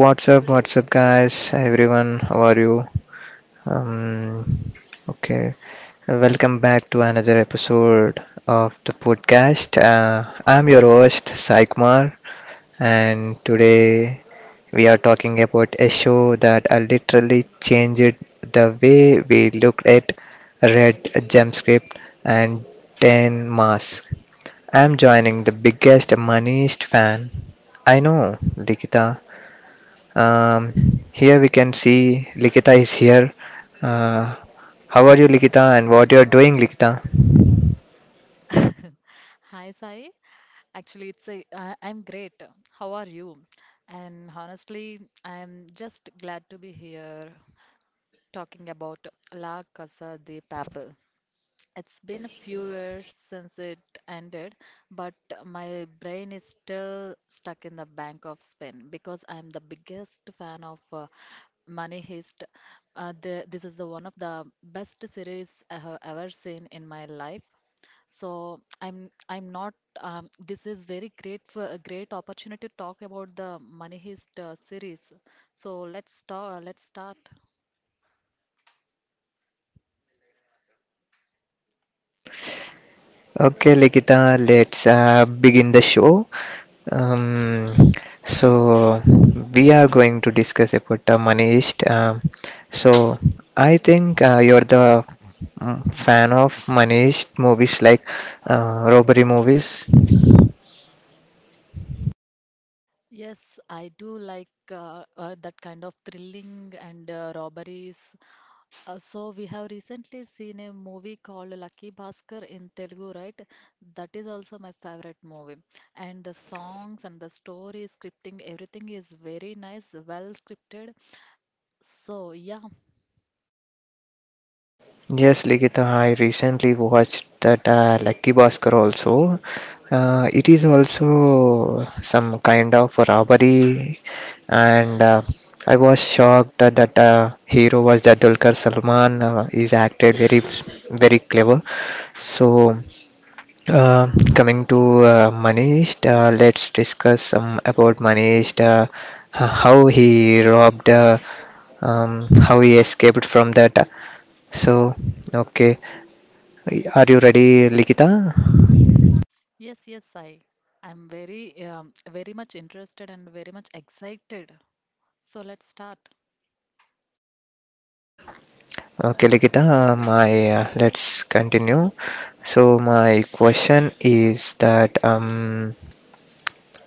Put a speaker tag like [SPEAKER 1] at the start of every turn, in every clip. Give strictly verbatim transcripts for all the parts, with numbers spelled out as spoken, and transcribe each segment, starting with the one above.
[SPEAKER 1] What's up, what's up, guys? Everyone, how are you? Um, okay, Welcome back to another episode of the podcast. Uh, I'm your host, Sai Kumar, and today we are talking about a show that I literally changed the way we looked at Red Gem Script and ten Mask. I'm joining the biggest, moneyest fan I know, Likita. Um, Here we can see Likita is here. Uh, how are you, Likita, and what you're doing, Likita?
[SPEAKER 2] Hi, Sai. Actually, it's a, I, I'm great. How are you? And honestly, I'm just glad to be here talking about La Casa de Papel. It's been a few years since it ended, but my brain is still stuck in the Bank of Spain because I'm the biggest fan of uh, Money Heist. Uh, the, this is the one of the best series I have ever seen in my life, so I'm I'm not. Um, this is very great for a great opportunity to talk about the Money Heist uh, series. So let's start. Let's start.
[SPEAKER 1] Okay, Likita, let's uh, begin the show. Um, so, we are going to discuss about the Manish. Um, so, I think uh, you're the mm, fan of Manish movies like uh, robbery movies.
[SPEAKER 2] Yes, I do like uh, uh, that kind of thrilling and uh, robberies. Uh, so we have recently seen a movie called Lucky Bhaskar in Telugu, right? That is also my favorite movie. And the songs and the story, scripting, everything is very nice, well scripted. So yeah.
[SPEAKER 1] Yes, Ligita, I recently watched that uh, Lucky Bhaskar also. Uh, it is also some kind of robbery, and uh, I was shocked that uh, hero was that Dulquer Salman. Uh, he's acted very, very clever. So, uh, coming to uh, Manish, uh, let's discuss some about Manish, uh, h- how he robbed, uh, um, how he escaped from that. So, okay. Are you ready, Likita?
[SPEAKER 2] Yes, yes, I. I'm very, um, very much interested and very much excited. So let's start.
[SPEAKER 1] Okay, Likita, my uh, let's continue. So my question is that um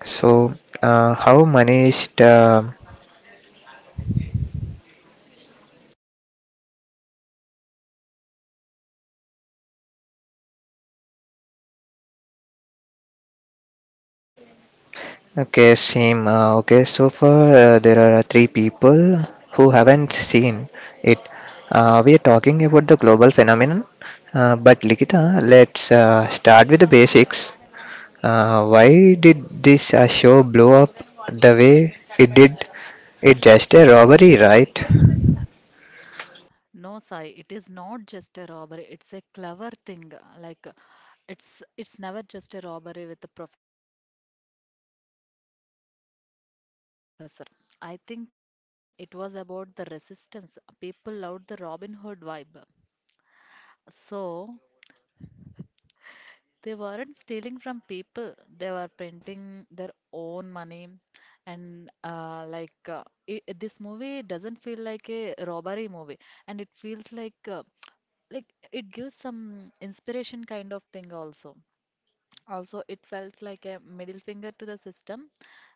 [SPEAKER 1] so uh, how managed uh, okay same uh, okay so far uh, there are three people who haven't seen it. Uh, we are talking about the global phenomenon, uh, but Likita, let's uh, start with the basics. Uh, why did this uh, show blow up the way it did? It's just a robbery, right?
[SPEAKER 2] No, Sai, it is not just a robbery. It's a clever thing. Like, uh, it's it's never just a robbery with the professor. I think uh, it worked because it wasn't just uh, stealing money. It was about the resistance. People loved the Robin Hood vibe. So, they weren't stealing from people, they were printing their own money. And uh, like uh, I this movie doesn't feel like a robbery movie, and it feels like uh, like it gives some inspiration kind of thing also. Also, it felt like a middle finger to the system,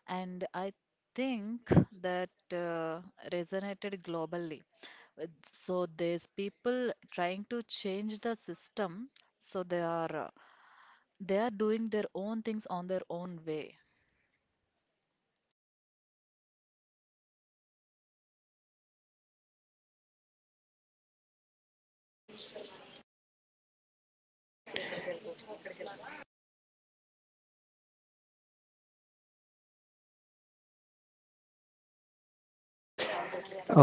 [SPEAKER 2] and I think that uh, resonated globally. Uh, So there's people trying to change the system, so they are uh, they are doing their own things on their own way.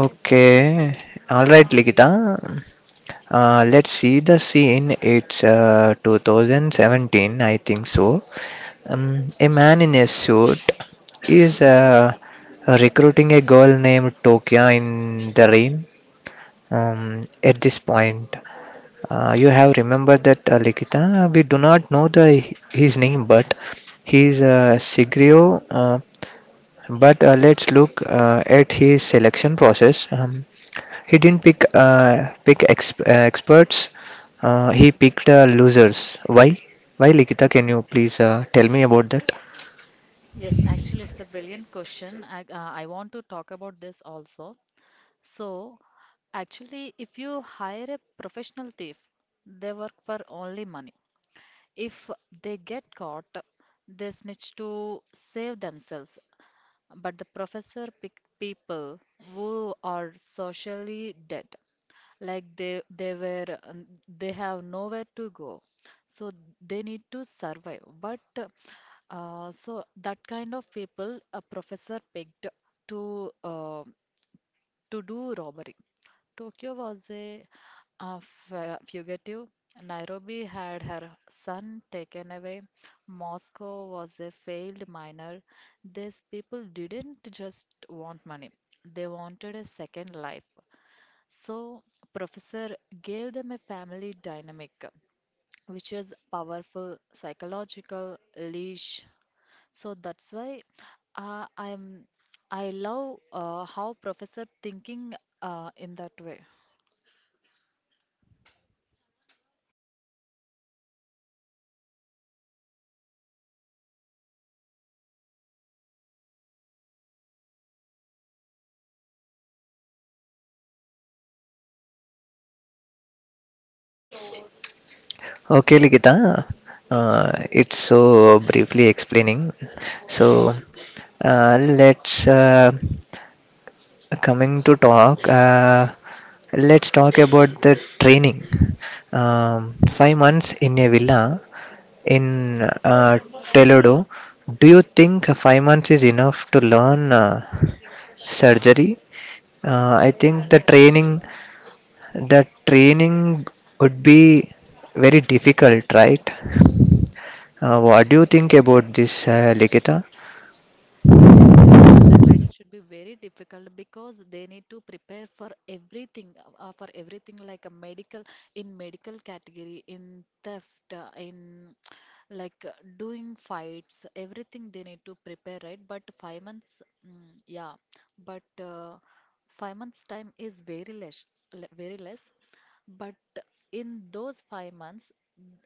[SPEAKER 1] Okay. All right, Likita. Uh, let's see the scene. It's uh, twenty seventeen, I think so. Um, a man in a suit is uh, recruiting a girl named Tokia in the rain. Um, at this point, Uh, you have remembered that uh, Likita. We do not know the his name, but he is uh, Sigrio. Uh, but uh, Let's look uh, at his selection process. Um, he didn't pick uh, pick ex- uh, experts. Uh, he picked uh, losers. Why? Why, Likita? Can you please uh, tell me about that?
[SPEAKER 2] Yes, actually, it's a brilliant question. I, uh, I want to talk about this also. So, actually, if you hire a professional thief, they work for only money. If they get caught, they snitch to save themselves. But the professor picked people who are socially dead, like they they were um, they have nowhere to go, so they need to survive. But uh, so that kind of people a professor picked to uh, to do robbery. Tokyo was a, uh, fu- fugitive. Nairobi had her son taken away. Moscow was a failed miner. These people didn't just want money, they wanted a second life. So, Professor gave them a family dynamic, which is powerful psychological leash. So that's why uh, I'm I love uh, how professor thinking uh, in that way.
[SPEAKER 1] Okay, Likita. Uh, it's so briefly explaining. So uh, let's uh, coming to talk, uh, let's talk about the training. Um, five months in a villa in uh, Toledo. Do you think five months is enough to learn uh, surgery? Uh, I think the training, the training would be very difficult, right? Uh, what do you think about this, uh, Likita?
[SPEAKER 2] Yes, yes. The training should be very difficult because they need to prepare for everything, uh, for everything like a medical, in medical category, in theft, uh, in like uh, doing fights, everything they need to prepare, right? But five months, mm, yeah, but uh, five months time is very less, le- very less. But in those five months,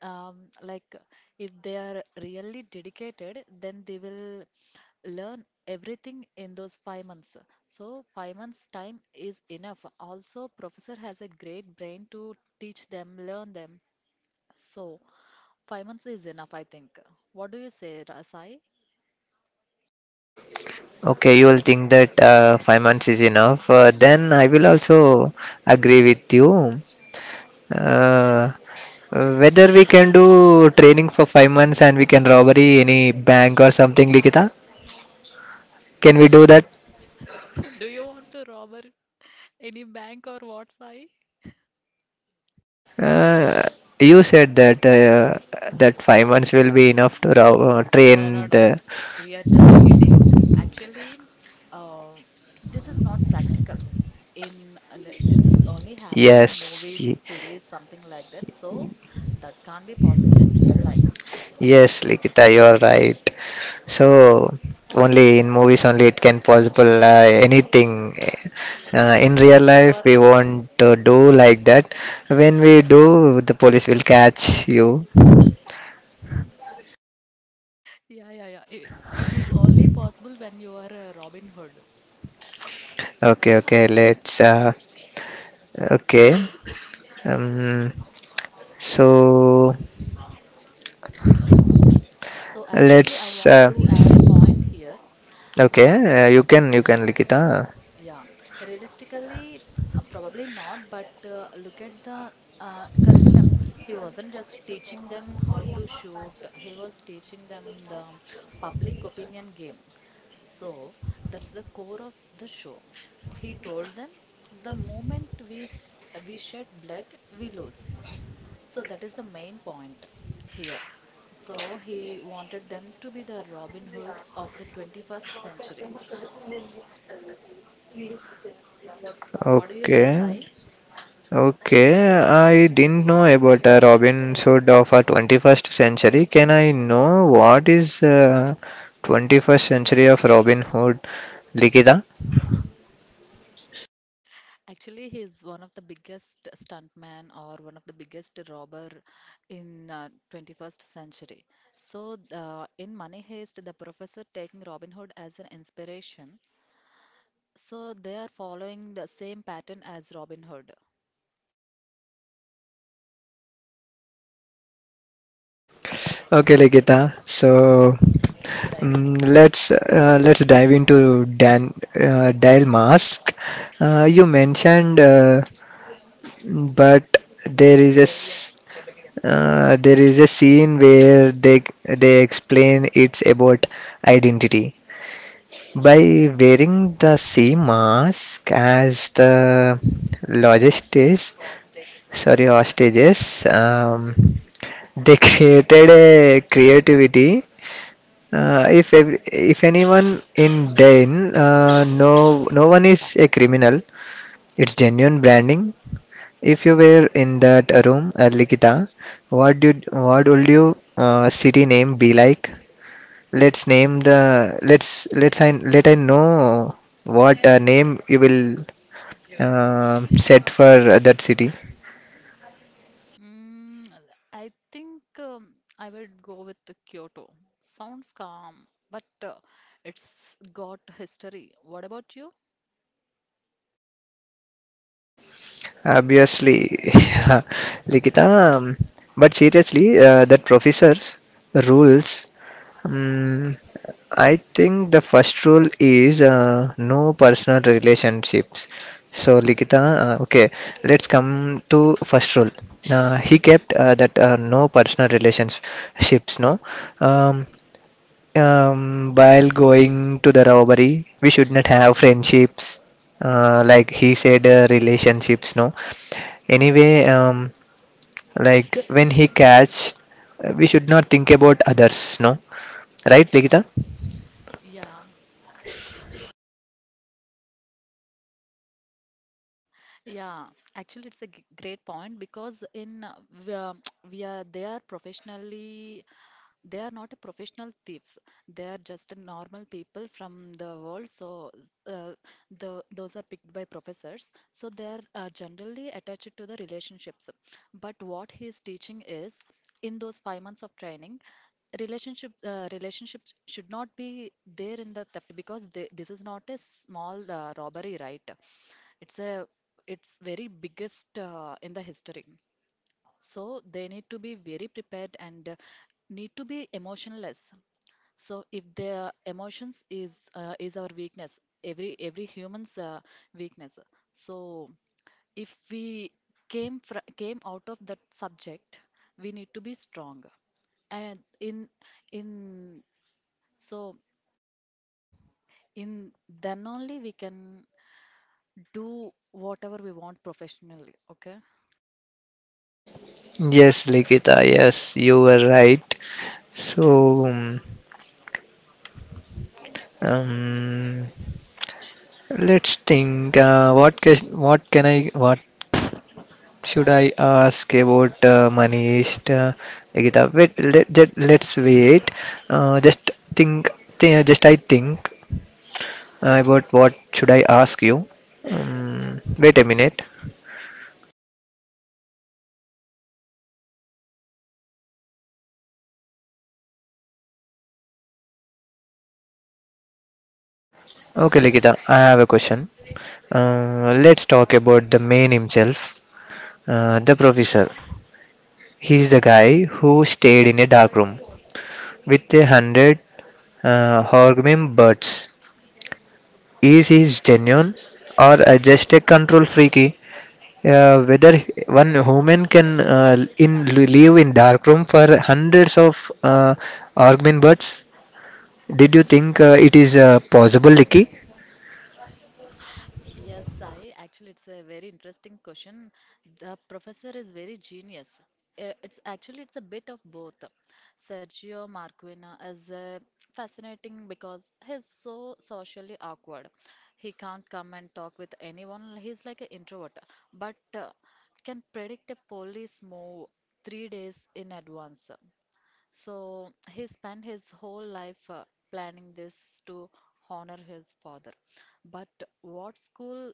[SPEAKER 2] um, like if they are really dedicated, then they will learn everything in those five months. So five months time is enough. Also, professor has a great brain to teach them, learn them. So five months is enough, I think. What do you say, Ra- Sai?
[SPEAKER 1] Okay, you will think that uh, five months is enough. Uh, then I will also agree with you. Uh, whether we can do training for five months and we can robbery any bank or something, Likita? Can we do that?
[SPEAKER 2] Do you want to rob any bank or what, Sai?
[SPEAKER 1] Uh, you said that uh, that five months will be enough to rob, uh,
[SPEAKER 2] No, no,
[SPEAKER 1] train
[SPEAKER 2] no.
[SPEAKER 1] the.
[SPEAKER 2] We are just kidding. Actually, uh, this is not practical. In and th- this is only happened in
[SPEAKER 1] Yes.
[SPEAKER 2] movies, series, something like that. So that can't be possible in real life.
[SPEAKER 1] Yes, Likita, you're right. So only in movies only it can possible uh, anything. Uh, in real
[SPEAKER 2] If you
[SPEAKER 1] life
[SPEAKER 2] are,
[SPEAKER 1] we won't uh, do like that. When we do, the police will catch you.
[SPEAKER 2] Yeah, yeah, yeah. I- it is only possible when you are a Robin Hood.
[SPEAKER 1] Okay, okay. Let's. Uh, okay. Um, so
[SPEAKER 2] So actually, I
[SPEAKER 1] let's.
[SPEAKER 2] want
[SPEAKER 1] Uh,
[SPEAKER 2] to add a point here.
[SPEAKER 1] okay,
[SPEAKER 2] Uh,
[SPEAKER 1] uh, you can you can Likita.
[SPEAKER 2] Yeah, realistically, uh, probably not, but uh, look at the uh, curriculum. He wasn't just teaching them how to shoot, he was teaching them the public opinion game. So that's the core of the show. He told them the moment we, s- we shed blood, we lose. So that is the main point here. So he wanted them to be the Robin Hoods of the twenty-first century. What do you say,
[SPEAKER 1] Okay.
[SPEAKER 2] Sai?
[SPEAKER 1] Okay, I didn't know about a Robin Hood of a twenty-first century. Can I know what is uh, twenty-first century of Robin Hood, Likita?
[SPEAKER 2] Actually, he is one of the biggest stuntman or one of the biggest robber in uh, twenty-first century. So, uh, in Money Heist, the professor taking Robin Hood as an inspiration. So they are following the same pattern as Robin Hood.
[SPEAKER 1] Okay, Likita. So mm let's uh, let's dive into Dan uh, Dial Mask. Uh, you mentioned, uh, but there is a s- uh, there is a scene where they they explain it's about identity. By wearing the same mask as the logistics, sorry, hostages, um, they created a creativity. Uh, if ev- if anyone in Den, uh, no no one is a criminal. It's genuine branding. If you were in that room, uh, Likita, what did what would your uh, city name be like? Let's name the let's let's I let I know what uh, name you will um set for uh, that city.
[SPEAKER 2] Mm, I think um, I would go with the Kyoto. Sounds calm, but uh, it's got history. What about you?
[SPEAKER 1] Obviously, Likita. um, But seriously, uh, that professor's rules. Um, I think the first rule is uh, no personal relationships. So Likita, uh, okay, let's come to first rule. Uh, he kept uh, that uh, no personal relationships, no. Um, um, while going to the robbery, we should not have friendships. Uh, like he said, uh, relationships. No. Anyway, um, like when he catch, uh, we should not think about others. No. Right, Ligita?
[SPEAKER 2] Yeah, yeah. Actually, it's a g- great point because in uh, w- uh, we are they are professionally they are not a professional thieves, they are just normal people from the world, so uh, the those are picked by professors, so they are uh, generally attached to the relationships, but what he is teaching is in those five months of training, relationship uh, relationships should not be there in the theft because they, this is not a small uh, robbery, right? It's a it's very biggest uh, in the history, so they need to be very prepared and uh, need to be emotionless. So if their emotions is uh, is our weakness, every every human's uh, weakness. So if we came fr came out of that subject, we need to be strong. And in in so in then only we can do whatever we want professionally. Okay.
[SPEAKER 1] Yes, Ligita. Yes, you were right. So, um, let's think. Uh, what can what can I what should I ask about uh, Manish, uh, Nikita? Wait, let, just, let's wait. Uh, just think, thi- just I think uh, about what should I ask you. Um, wait a minute. Okay, Nikita, I have a question. Uh, let's talk about the man himself, uh, the professor. He's the guy who stayed in a dark room with a hundred uh, horgrim birds. Is he genuine or uh, just a control freaky? Uh, whether one human can uh, in live in dark room for hundreds of uh, Argmin birds. Did you think uh, it is uh, possible, Licky?
[SPEAKER 2] Yes, Sai. Actually, it's a very interesting question. The professor is very genius. Uh, It's actually it's a bit of both. Sergio Marquina is uh, fascinating because he's so socially awkward. He can't come and talk with anyone. He's like an introvert, but uh, can predict a police move three days in advance. So he spent his whole life uh, planning this to honor his father. But what's cool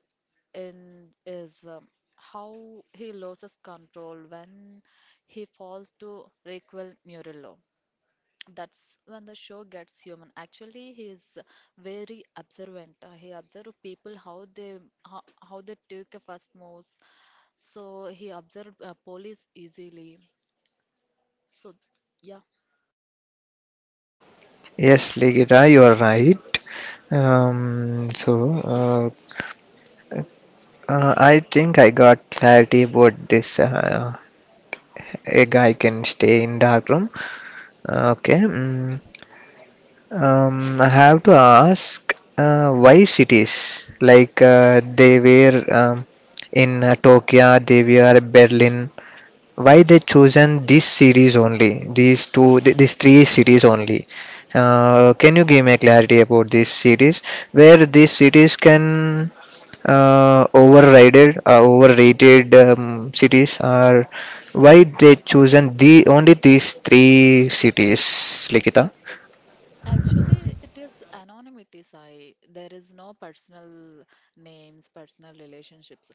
[SPEAKER 2] in is um, how he loses control when he falls to Raquel Murillo. That's when the show gets human. Actually, he is very observant. Uh, He observes people how they how, how they take a first moves. So he observed uh, police easily. So yeah.
[SPEAKER 1] Yes, Ligita, you are right. Um, so uh, uh, I think I got clarity about this. Uh, a guy can stay in dark room. Uh, okay. mm Um, I have to ask uh, why cities? Like uh, they were um, in uh, Tokyo, they were Berlin. Why they chosen these cities only? These two, th- these three cities only. Uh, can you give me clarity about these cities? Where these cities can uh, overrided, uh, overrated um, cities, or why they chosen the only these three cities, Likita?
[SPEAKER 2] Actually, it is anonymity, Sai. There is no personal names, personal relationships.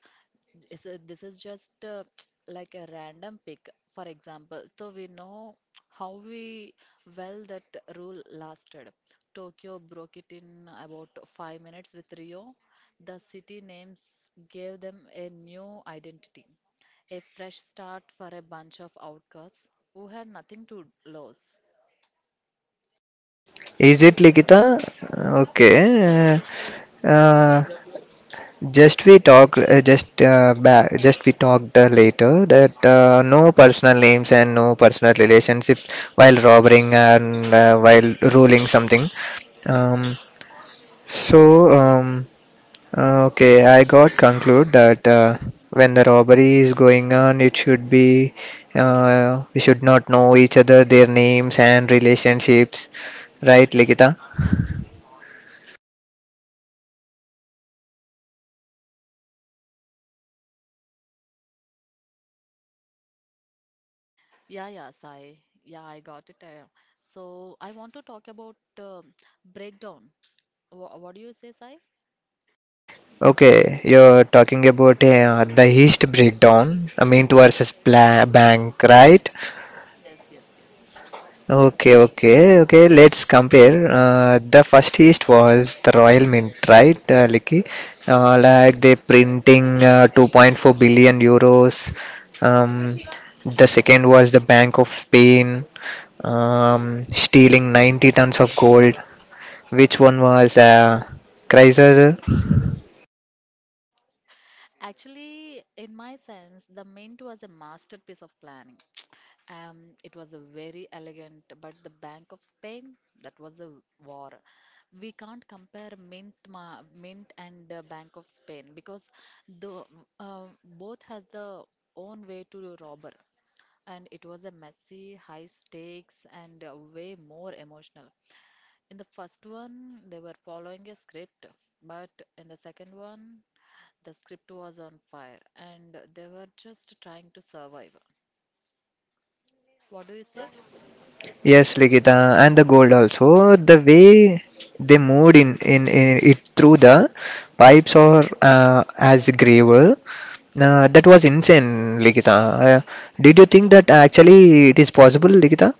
[SPEAKER 2] It's a- this is just uh, like a random pick, for example. So we know how we well that rule lasted. Tokyo broke it in about five minutes with Rio. The city names gave them a new identity, a fresh start for a bunch of outcasts who had nothing to lose.
[SPEAKER 1] Is it Likita? Okay. Uh, just we talk. Uh, just uh, ba- just we talked uh, later that uh, no personal names and no personal relationship while robbing and uh, while ruling something. Um, so um, uh, okay, I got conclude that uh, when the robbery is going on, it should be uh, we should not know each other, their names and relationships, right, Likita?
[SPEAKER 2] Yeah, yes, I yeah, I got it. uh, so I want to talk about uh, breakdown. Wha what do you say, Sai?
[SPEAKER 1] Okay, you're talking about uh, the East breakdown, I mean, versus pla- Bank, right?
[SPEAKER 2] Yes, yes, yes.
[SPEAKER 1] Okay, okay, okay. Let's compare. Uh, the first East was the Royal Mint, right, uh, Licky? Uh, like they printing uh, two point four billion euros. Um, the second was the Bank of Spain, um, stealing ninety tons of gold. Which one was uh, crisis?
[SPEAKER 2] Actually, in my sense, the mint was a masterpiece of planning. Um, it was a very elegant, but the Bank of Spain, that was a war. We can't compare mint, ma mint and uh, Bank of Spain because the uh, both has the own way to robber. And it was a messy, high stakes, and uh, way more emotional. In the first one, they were following a script, but in the second one, the script was on fire and they were just trying to survive. What do you say?
[SPEAKER 1] Yes, Ligita, and the gold also. The way they moved in, in, in it through the pipes or uh, as gravel, uh, that was insane, Ligita. Uh, did you think that actually it is possible, Ligita?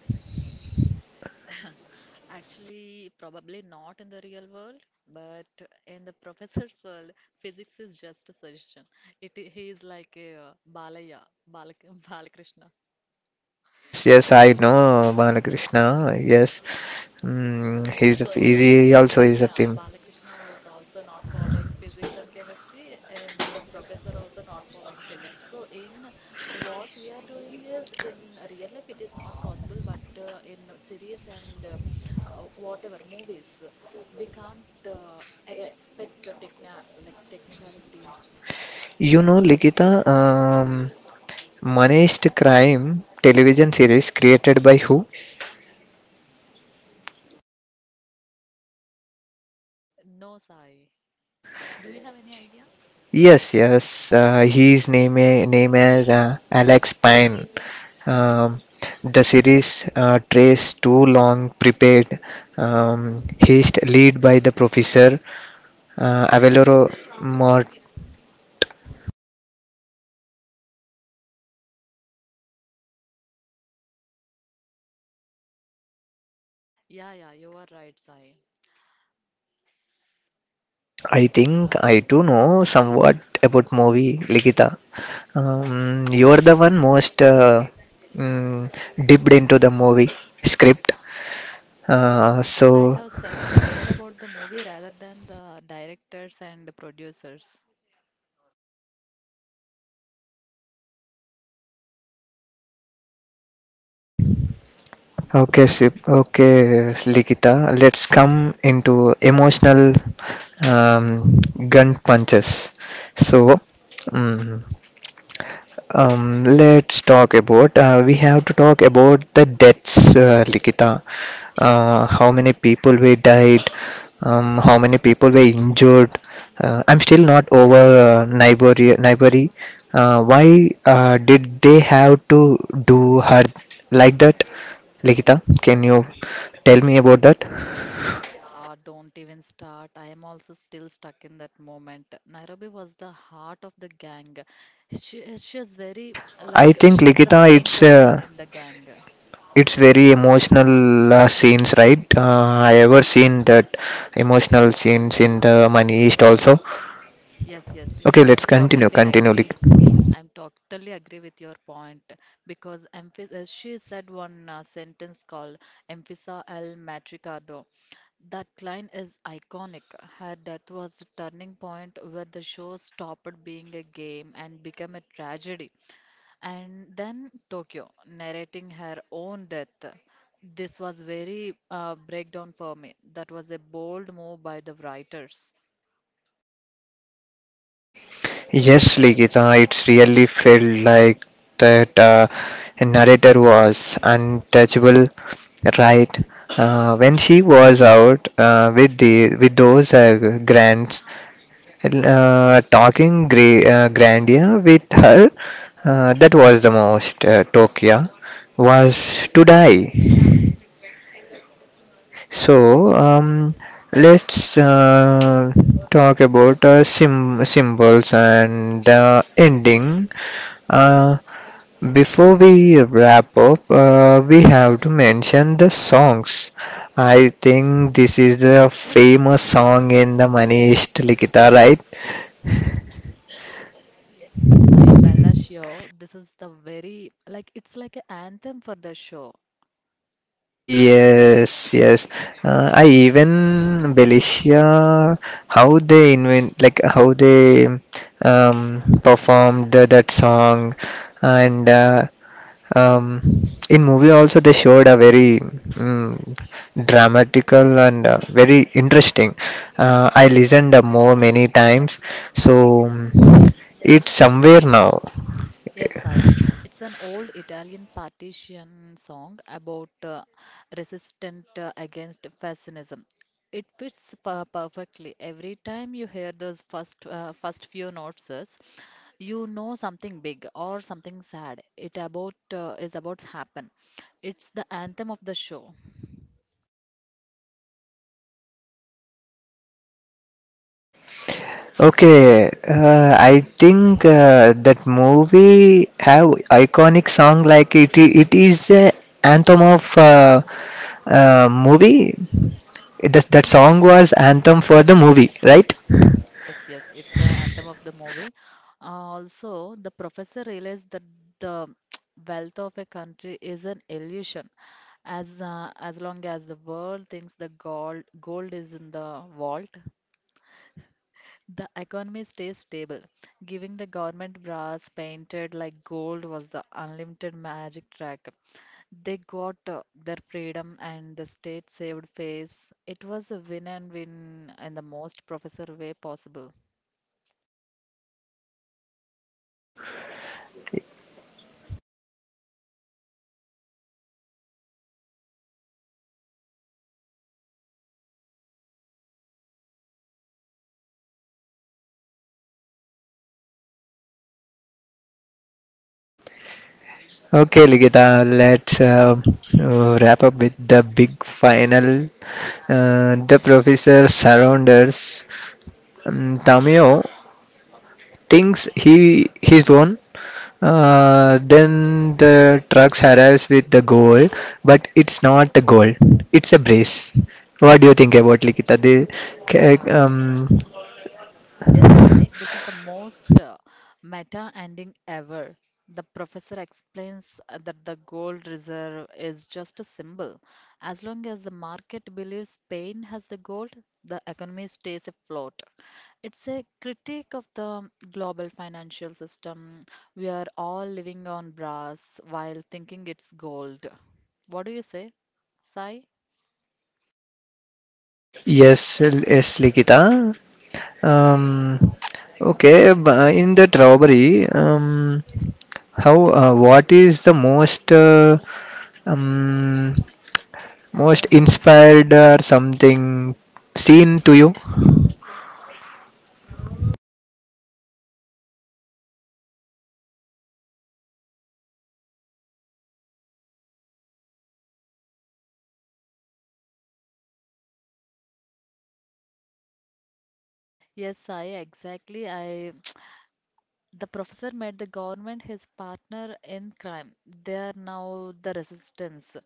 [SPEAKER 2] Actually, probably not in the real world, but in the professor's world, physics is just a suggestion. It He is like a uh, Balaya, Balak Balakrishna.
[SPEAKER 1] Yes, yes, I know Balakrishna. Yes, mm, he's a, he also is
[SPEAKER 2] In
[SPEAKER 1] a
[SPEAKER 2] uh,
[SPEAKER 1] film.
[SPEAKER 2] Balakrishna was also not following physics and chemistry, and the professor also not following physics. So, in what we are doing is in real life, it is not possible, but uh, in series and uh, uh, whatever movies, we can't uh, e- e-, expect a techna like technicality,
[SPEAKER 1] You
[SPEAKER 2] right?
[SPEAKER 1] know, Ligita, um, Manish Crime television series created by who?
[SPEAKER 2] No, Sai. Do you have any idea?
[SPEAKER 1] Yes, yes. Uh, his name i- name is uh, Alex Pine. Um, the series uh, trace two long prepared um, haste lead by the professor uh, Avaloro Mort.
[SPEAKER 2] Yeah, yeah, you are right, Sai.
[SPEAKER 1] I think I do know somewhat about movie Ligita. Um, you're the one most uh, mm, dipped into the movie script. Uh,
[SPEAKER 2] I
[SPEAKER 1] so
[SPEAKER 2] have searched more about the movie rather than the directors and producers.
[SPEAKER 1] okay, Sip. Okay, Likita. Let's come into emotional um, gun punches. So, mm um, let's talk about. Uh, we have to talk about the deaths, uh, Likita. Uh, how many people were died? Um, how many people were injured? Uh, I'm still not over uh, Nibori. Nibori. Uh, why uh, did they have to do her like that? Likita, can you tell me about that?
[SPEAKER 2] Yeah, don't even start. I am also still stuck in that moment. Nairobi was the heart of the gang. She, she is very,
[SPEAKER 1] I
[SPEAKER 2] like,
[SPEAKER 1] think
[SPEAKER 2] she is the
[SPEAKER 1] Likita,
[SPEAKER 2] main
[SPEAKER 1] it's
[SPEAKER 2] person
[SPEAKER 1] uh,
[SPEAKER 2] in the gang.
[SPEAKER 1] it's very emotional uh, scenes right uh, I ever seen that emotional scenes in the money east also.
[SPEAKER 2] Yes, yes, yes.
[SPEAKER 1] Okay,
[SPEAKER 2] I
[SPEAKER 1] let's
[SPEAKER 2] am
[SPEAKER 1] continue
[SPEAKER 2] totally
[SPEAKER 1] continue Lik-
[SPEAKER 2] agree. I'm totally agree with your point because emph- uh, she said one uh, sentence called Emphisa El Matricardo. That line is iconic. Her death was a turning point where the show stopped being a game and became a tragedy. And then Tokyo, narrating her own death. This was very uh, breakdown for me. That was a bold move by the writers.
[SPEAKER 1] yes Ligita it's really felt like that uh, narrator was untouchable right uh, when she was out uh, with the with those uh, grants uh, talking gra- uh, grandeur with her, uh, that was the most uh, Tokyo was to die. So um, let's uh, talk about uh, sim- symbols and uh, ending. Uh, before we wrap up, uh, we have to mention the songs. I think this is the famous song in the Manish Likita, right?
[SPEAKER 2] Yes, I, Bella Sure. This is the very, like, it's like an anthem for the show.
[SPEAKER 1] Yes, yes. Uh, I even Belicia, how they invent, like how they um, performed the, that song, and uh, um, in movie also they showed a very mm, dramatical and uh, very interesting. Uh, I listened uh, more many times, so mm, it's somewhere now.
[SPEAKER 2] Yes, I. It's an old Italian partition song about uh, resistance uh, against fascism. It fits per perfectly. Every time you hear those first uh, first few notes, is, you know something big or something sad. It about uh, is about to happen. It's the anthem of the show.
[SPEAKER 1] Okay, uh, I think uh, that movie have iconic song like it it is a anthem of uh, uh, movie. That that song was anthem for the movie, right?
[SPEAKER 2] Yes, yes, it's an anthem of the movie. Uh, also, the professor realized that the wealth of a country is an illusion, as uh, as long as the world thinks the gold gold is in the vault, the economy stays stable. Giving the government brass painted like gold was the unlimited magic trick. They got uh, their freedom and the state saved face. It was a win and win in the most professor way possible.
[SPEAKER 1] Okay, Ligita, let's uh, uh, wrap up with the big final. Uh, the professor surrounders um, Tamio thinks he he's won. Uh, then the trucks arrives with the goal, but it's not a goal. It's a brace. What do you think about Likita? The, ca- um,
[SPEAKER 2] Yes, Sai, this is the most uh, meta ending ever. The professor explains uh, that the gold reserve is just a symbol. As long as the market believes Spain has the gold, the economy stays afloat. It's a critique of the global financial system. We are all living on brass while thinking it's gold. What do you say, Sai?
[SPEAKER 1] yes, yes, Likita. Um, okay, bu- in that robbery, um, how? Uh, what is the most uh, um, most inspired or something seen to you?
[SPEAKER 2] Yes, I exactly. I The professor made the government his partner in crime. They are now the resistance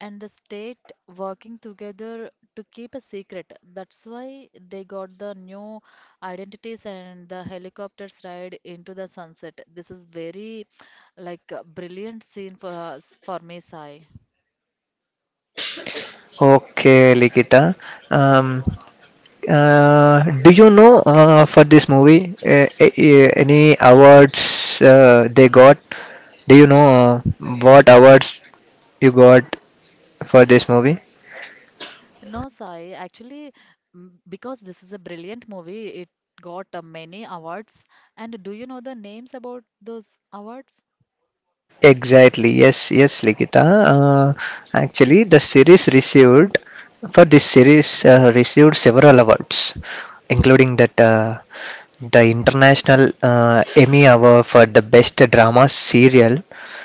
[SPEAKER 2] and the state working together to keep a secret. That's why they got the new identities and the helicopters ride into the sunset. This is very like a brilliant scene for us, for me, Sai.
[SPEAKER 1] Okay, Likita. Um, Uh, do you know uh, for this movie uh, uh, any awards uh, they got? Do you know uh, what awards you got for this movie?
[SPEAKER 2] No, Sai, actually, m- because this is a brilliant movie, it got uh, many awards. And do you know the names about those awards?
[SPEAKER 1] Exactly. Yes, yes, Likita. Uh, actually, the series received for this series uh, received several awards, including that uh, the International uh, Emmy Award for the Best Drama Serial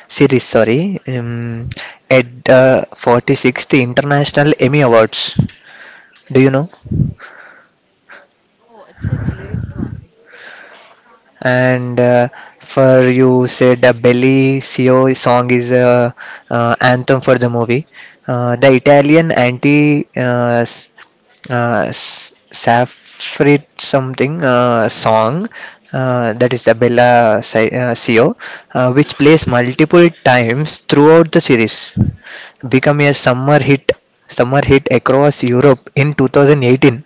[SPEAKER 1] Series. Sorry, um, at the forty-sixth International Emmy Awards. Do you know?
[SPEAKER 2] Oh, it's a great one.
[SPEAKER 1] And uh, for you said the Belly Sio song is a uh, anthem for the movie. Uh, the Italian anti uh, s- uh, s- Saffrit something uh, song uh, that is Abella Si- uh, Sio, uh, which plays multiple times throughout the series, become a summer hit, summer hit across Europe in two thousand eighteen.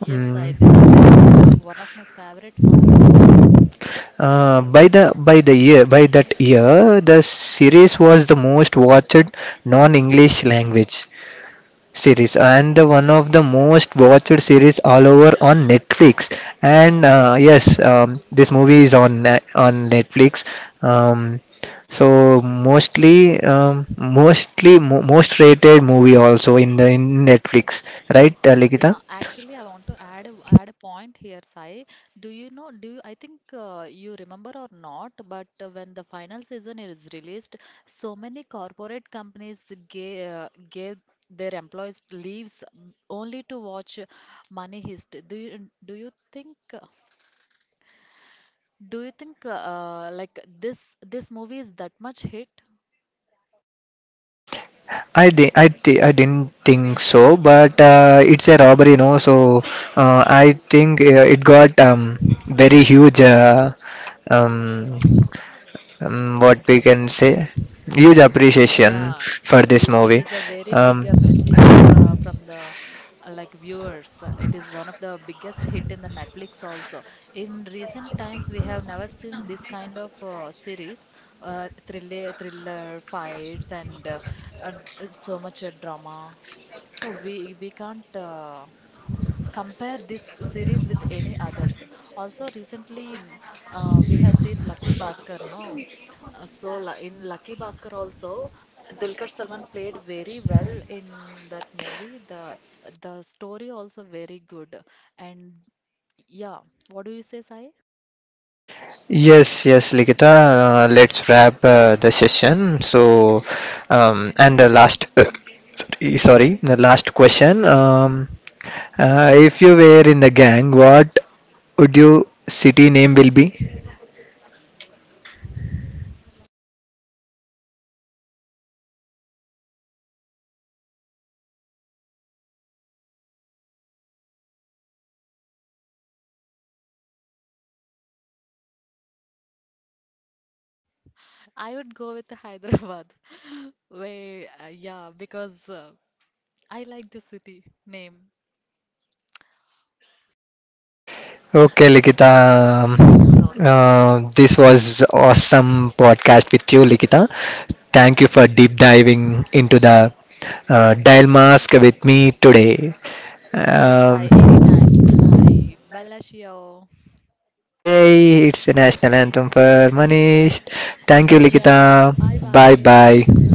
[SPEAKER 2] Yes, I.
[SPEAKER 1] Mm.
[SPEAKER 2] This is very uh, one of my favorite song also.
[SPEAKER 1] Uh, by the by the year by that year, the series was the most watched non-English language series and one of the most watched series all over on Netflix. And uh, yes, um, this movie is on uh, on Netflix. Um, so mostly um, mostly mo- most rated movie also in the in Netflix, right, uh, Likita?
[SPEAKER 2] Yeah, actually, I want to add a- add a point here, Sai. Do you know? Do you, I think uh, you remember or not? But uh, when the final season is released, so many corporate companies gave uh, gave their employees leaves mm, only to watch Money Heist. Do you do you think? uh, Do you think uh, like this this movie is that much hit?
[SPEAKER 1] I di- I thi- I didn't think so, but uh, it's a robbery, no? So uh, I think uh, it got um, very huge. Uh, um, um, what we can say, huge appreciation
[SPEAKER 2] Yeah,
[SPEAKER 1] for
[SPEAKER 2] i-
[SPEAKER 1] this
[SPEAKER 2] i- it
[SPEAKER 1] movie.
[SPEAKER 2] is a very big
[SPEAKER 1] Um,
[SPEAKER 2] appreciation fro- from the uh, like viewers. Uh, It is one of the biggest hit in the Netflix also. In recent times, we have never seen this kind of uh, series, uh, thriller, thriller fights, and uh, uh, so much uh, drama. So we we can't uh, compare this series with any others, also recently mm, uh, we have seen Lucky Bhaskar, no? Uh, so lu- in Lucky Bhaskar also, Dulquer Salman played very well in that movie. The the story also very good, and yeah, what do you say, Sai?
[SPEAKER 1] Yes, yes, Likita. Uh, let's wrap uh, the session. So, um, and the last, sorry, the last question. Um, uh, if you were in the gang, what would your city name will be?
[SPEAKER 2] I would go with Hyderabad way, uh, yeah, because uh, i like the city name.
[SPEAKER 1] Okay, Likita. Um, Uh, this was awesome podcast with you, Likita. Thank you for deep diving into the uh, dial mask with me today.
[SPEAKER 2] Yes, Sai,
[SPEAKER 1] Um,
[SPEAKER 2] anytime, Sai. Bellagio.
[SPEAKER 1] Hey, it's the national anthem for Manish. Thank you,
[SPEAKER 2] Yeah, yeah,
[SPEAKER 1] Likita.
[SPEAKER 2] bye
[SPEAKER 1] Bye
[SPEAKER 2] bye.
[SPEAKER 1] bye.